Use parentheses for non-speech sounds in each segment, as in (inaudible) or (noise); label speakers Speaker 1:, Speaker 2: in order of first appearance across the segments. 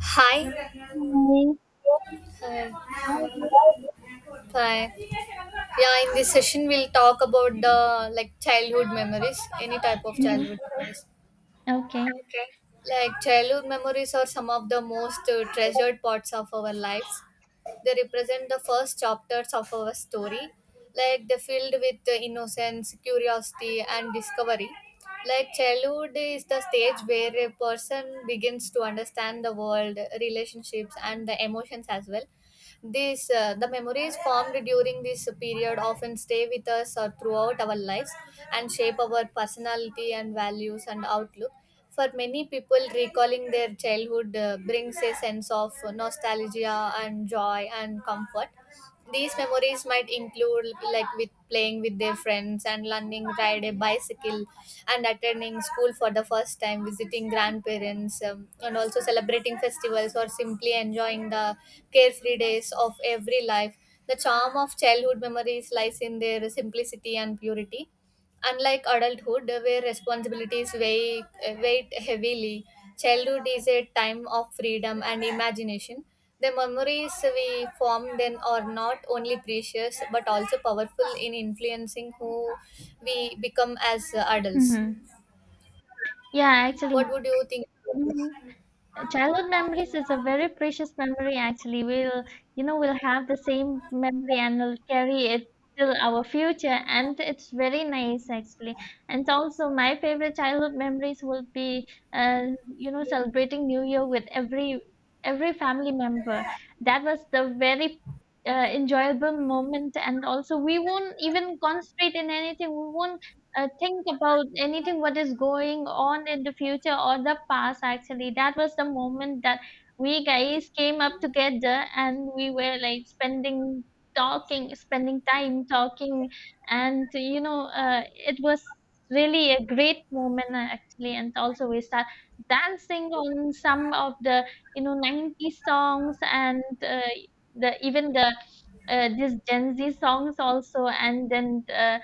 Speaker 1: Hi. Hi.
Speaker 2: Morning. How are you?
Speaker 1: Hi. Yeah, in this session we'll talk about the like childhood memories, any type of
Speaker 2: Mhm.
Speaker 1: childhood memories.
Speaker 2: Okay.
Speaker 1: Okay. Like childhood memories are some of the most treasured parts of our lives. They represent the first chapters of our story. Like they're filled with innocence, curiosity, and discovery. Like childhood is the stage where a person begins to understand the world, relationships, and the emotions as well. The memories formed during this period often stay with us throughout our lives and shape our personality and values and outlook. For many people, recalling their childhood brings a sense of nostalgia and joy and comfort. These memories might include like with playing with their friends and learning ride a bicycle and attending school for the first time, visiting grandparents, and also celebrating festivals or simply enjoying the carefree days of every life. The charm of childhood memories lies in their simplicity and purity. Unlike adulthood, where responsibilities weight heavily, childhood is a time of freedom and imagination. The memories we form then are not only precious but also powerful in influencing who we become as adults.
Speaker 2: Hmm. Yeah, actually,
Speaker 1: What would you think about this?
Speaker 2: mhm. Childhood memories is a very precious memory. Actually, we'll, you know, we'll have the same memory and we'll carry it till our future, and it's very nice actually. And also, my favorite childhood memories will be, uh, celebrating New Year with every family member. That was the very enjoyable moment, and also we won't even concentrate in anything. We won't think about anything what is going on in the future or the past actually. That was the moment that we guys came up together and we were like spending time talking, and it was really a great moment actually. And also we start dancing on some of the, you know, 90s songs, and the even the this gen z songs also. And then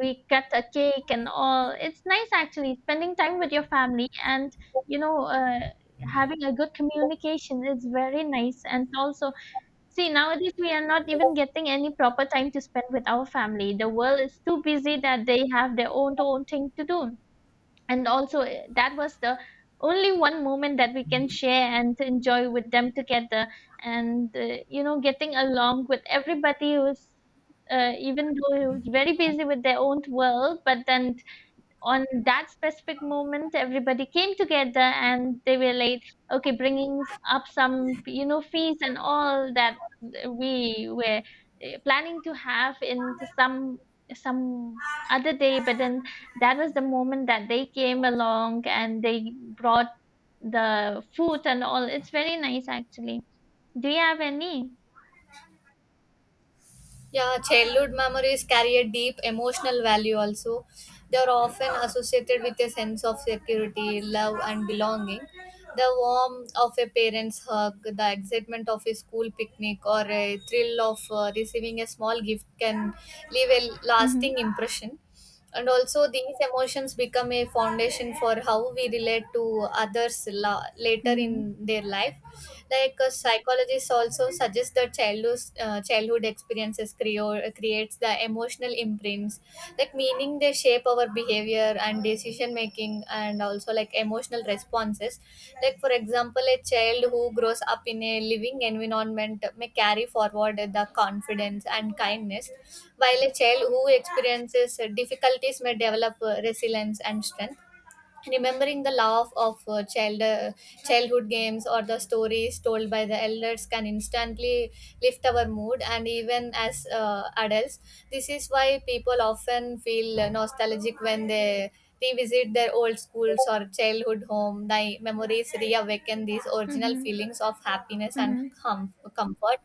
Speaker 2: we cut a cake and all. It's nice actually spending time with your family and, you know uh, having a good communication is very nice. And also, see nowadays we are not even getting any proper time to spend with our family. The world is too busy that they have their own thing to do, and also eh, that was the only one moment that we can share and to enjoy with them together. And getting along with everybody who's even though it was very busy with their own world, but then on that specific moment everybody came together and they were like, okay, bringing up some, you know, fees and all that we were eh, planning to have into some other day. But then that was the moment that they came along and they brought the food and all. It's very nice actually. Do you have any?
Speaker 1: Yeah, childhood memories carry a deep emotional value also. They are often associated with a sense of security, love, and belonging. The warmth of a parent's hug, the excitement of a school picnic, or a thrill of receiving a small gift can leave a lasting
Speaker 2: Mm-hmm.
Speaker 1: impression. And also, these emotions become a foundation for how we relate to others later
Speaker 2: Mm-hmm.
Speaker 1: in their life. Like psychologists also suggest that childhood experiences creates the emotional imprints, like meaning they shape our behavior and decision making and also like emotional responses. Like for example, a child who grows up in a living environment may carry forward the confidence and kindness, while a child who experiences difficulties may develop resilience and strength. Remembering the laugh of childhood games or the stories told by the elders can instantly lift our mood, and even as adults, this is why people often feel nostalgic when they revisit their old schools or childhood home. The memories reawaken these original feelings of happiness and
Speaker 2: Mm-hmm.
Speaker 1: comfort.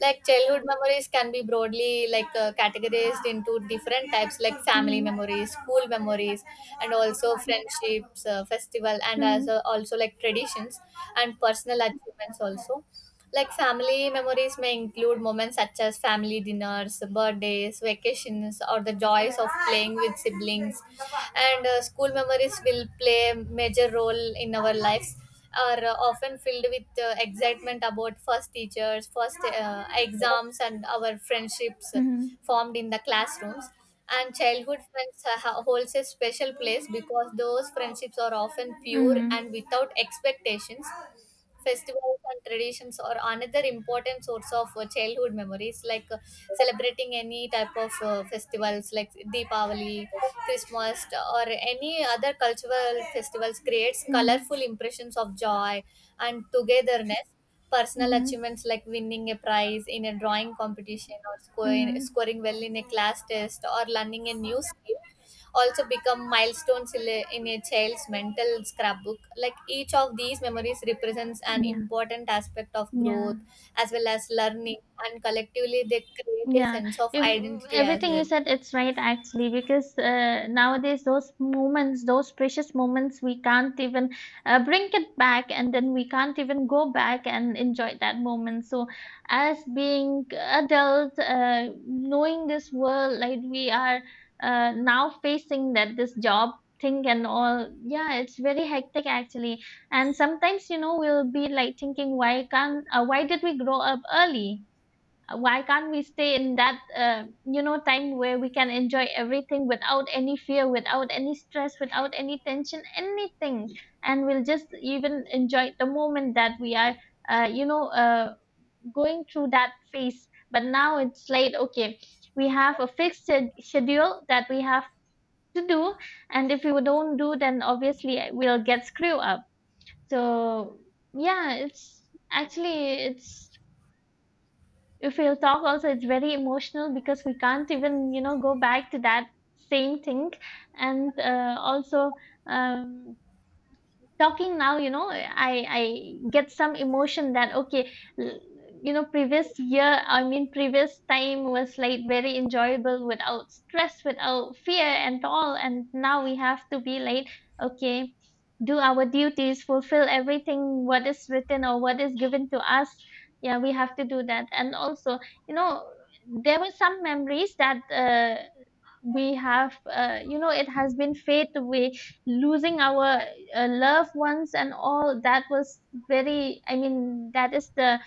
Speaker 1: Like childhood memories can be broadly like categorized into different types, like family
Speaker 2: Mm-hmm.
Speaker 1: memories, school memories, and also friendships, festival, and
Speaker 2: Mm-hmm.
Speaker 1: as also like traditions and personal achievements also. Like family memories may include moments such as family dinners, birthdays, vacations, or the joys of playing with siblings. And school memories will play a major role in our lives. Are often filled with excitement about first teachers, first exams, and our friendships
Speaker 2: Mm-hmm.
Speaker 1: formed in the classrooms. And childhood friends holds a special place because those friendships are often pure
Speaker 2: Mm-hmm.
Speaker 1: and without expectations. Festivals and traditions are another important source of childhood memories, like celebrating any type of festivals like Deepavali, Christmas, or any other cultural festivals creates
Speaker 2: Mm-hmm.
Speaker 1: colorful impressions of joy and togetherness. Personal
Speaker 2: Mm-hmm.
Speaker 1: achievements like winning a prize in a drawing competition or
Speaker 2: Mhm.
Speaker 1: scoring well in a class test or learning a new skill also become milestones in a child's mental scrapbook. Like each of these memories represents an
Speaker 2: Yeah.
Speaker 1: important aspect of growth
Speaker 2: Yeah.
Speaker 1: as well as learning, and collectively they create a
Speaker 2: Yeah,
Speaker 1: sense of
Speaker 2: if
Speaker 1: identity as
Speaker 2: everything you
Speaker 1: well.
Speaker 2: said, it's right actually, because nowadays those moments, those precious moments, we can't even bring it back, and then we can't even go back and enjoy that moment. So, as being adult, knowing this world, like we are now facing that this job thing and all, yeah, it's very hectic actually. And sometimes, you know, we'll be like thinking, why can't, why did we grow up early? Why can't we stay in that, you know, time where we can enjoy everything without any fear, without any stress, without any tension, anything, and we'll just even enjoy the moment that we are uh, you know uh, going through that phase. But now it's like, okay, we have a fixed schedule that we have to do, and if we don't do then obviously we'll get screwed up. So yeah it's actually it's If we'll talk also, it's very emotional because we can't even, you know, go back to that same thing. And also, um, talking now, you know, I get some emotion that, okay, l- you know, previous year, I mean previous time, was like very enjoyable without stress, without fear and all, and now we have to be like, okay, do our duties, fulfill everything what is written or what is given to us. Yeah, we have to do that. And also, you know, there were some memories that we have, you know, it has been fade away, losing our loved ones and all. That was very, I mean that is the,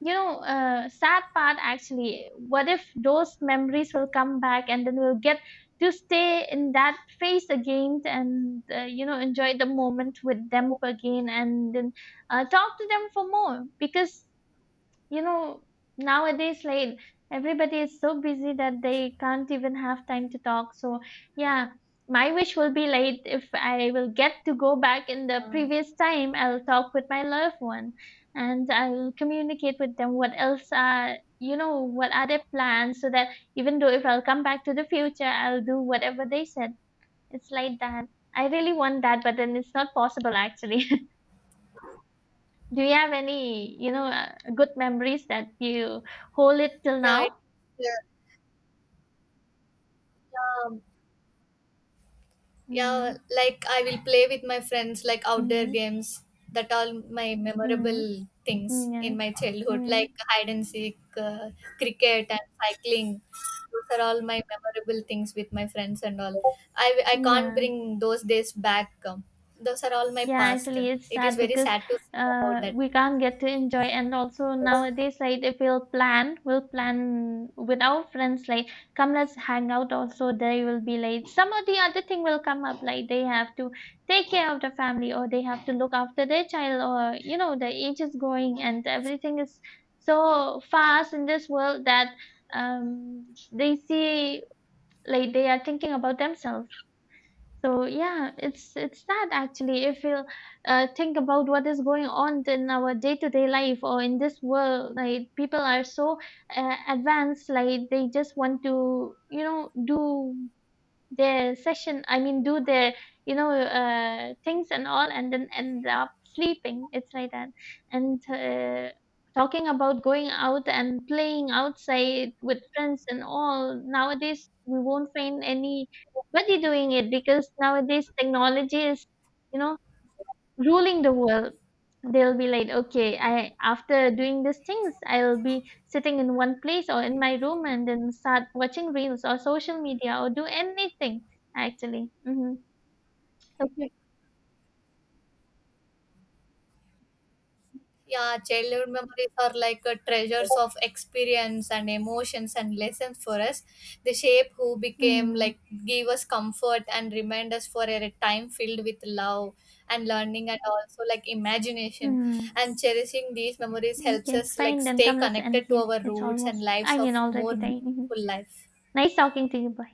Speaker 2: you know, sad part actually. What if those memories will come back and then we'll get to stay in that phase again and, you know, enjoy the moment with them again, and then talk to them for more? Because, you know, nowadays like everybody is so busy that they can't even have time to talk. So yeah, my wish will be like, if I will get to go back in the previous time, I'll talk with my loved one, and I'll communicate with them what else are, you know, what are their plans, so that even though if I'll come back to the future, I'll do whatever they said. It's like that. I really want that, but then it's not possible actually. (laughs) Do you have any, you know, good memories that you hold it till
Speaker 1: Yeah, it,
Speaker 2: now?
Speaker 1: yeah, yeah. Yeah,
Speaker 2: Mhm.
Speaker 1: like I will play with my friends like outdoor
Speaker 2: Mhm.
Speaker 1: games. That all my memorable
Speaker 2: Mhm.
Speaker 1: things
Speaker 2: Yeah.
Speaker 1: in my childhood, like
Speaker 2: Mhm.
Speaker 1: hide and seek, cricket and cycling. Those are all my memorable things with my friends and all. I can't
Speaker 2: Yeah.
Speaker 1: bring those days back. Those are all my
Speaker 2: Yeah,
Speaker 1: past.
Speaker 2: actually, it's
Speaker 1: It is
Speaker 2: sad
Speaker 1: very
Speaker 2: because
Speaker 1: sad to see about that.
Speaker 2: we can't get to enjoy. And also nowadays, like if we'll plan, we'll plan with our friends, like, come, let's hang out. Also, they will be like some of the other thing will come up, like they have to take care of the family or they have to look after their child, or, you know, the age is going and everything is so fast in this world that, um, they see like they are thinking about themselves. So yeah, it's that actually. If you think about what is going on in our day to day life or in this world, like people are so advanced, like they just want to, you know, do their session, I mean do their, things and all, and then end up sleeping. It's like that. And talking about going out and playing outside with friends and all, nowadays we won't find anybody doing it because nowadays technology is, you know, ruling the world. They'll be like, okay, I, after doing these things, I'll be sitting in one place or in my room and then start watching reels or social media or do anything actually. Mm-hmm. Okay.
Speaker 1: Yeah, childhood memories are like treasures of experience and emotions and lessons for us. They shape who became,
Speaker 2: Mm-hmm.
Speaker 1: like, give us comfort and remind us for a time filled with love and learning and also like imagination.
Speaker 2: Mm-hmm.
Speaker 1: And cherishing these memories helps
Speaker 2: Okay,
Speaker 1: us like
Speaker 2: fine, then
Speaker 1: stay
Speaker 2: come, let's end
Speaker 1: connected to
Speaker 2: here.
Speaker 1: our
Speaker 2: It's
Speaker 1: roots and
Speaker 2: almost,
Speaker 1: lives
Speaker 2: I
Speaker 1: of
Speaker 2: mean
Speaker 1: more
Speaker 2: already time. Hmm,
Speaker 1: meaningful life.
Speaker 2: nice talking to you. Bye.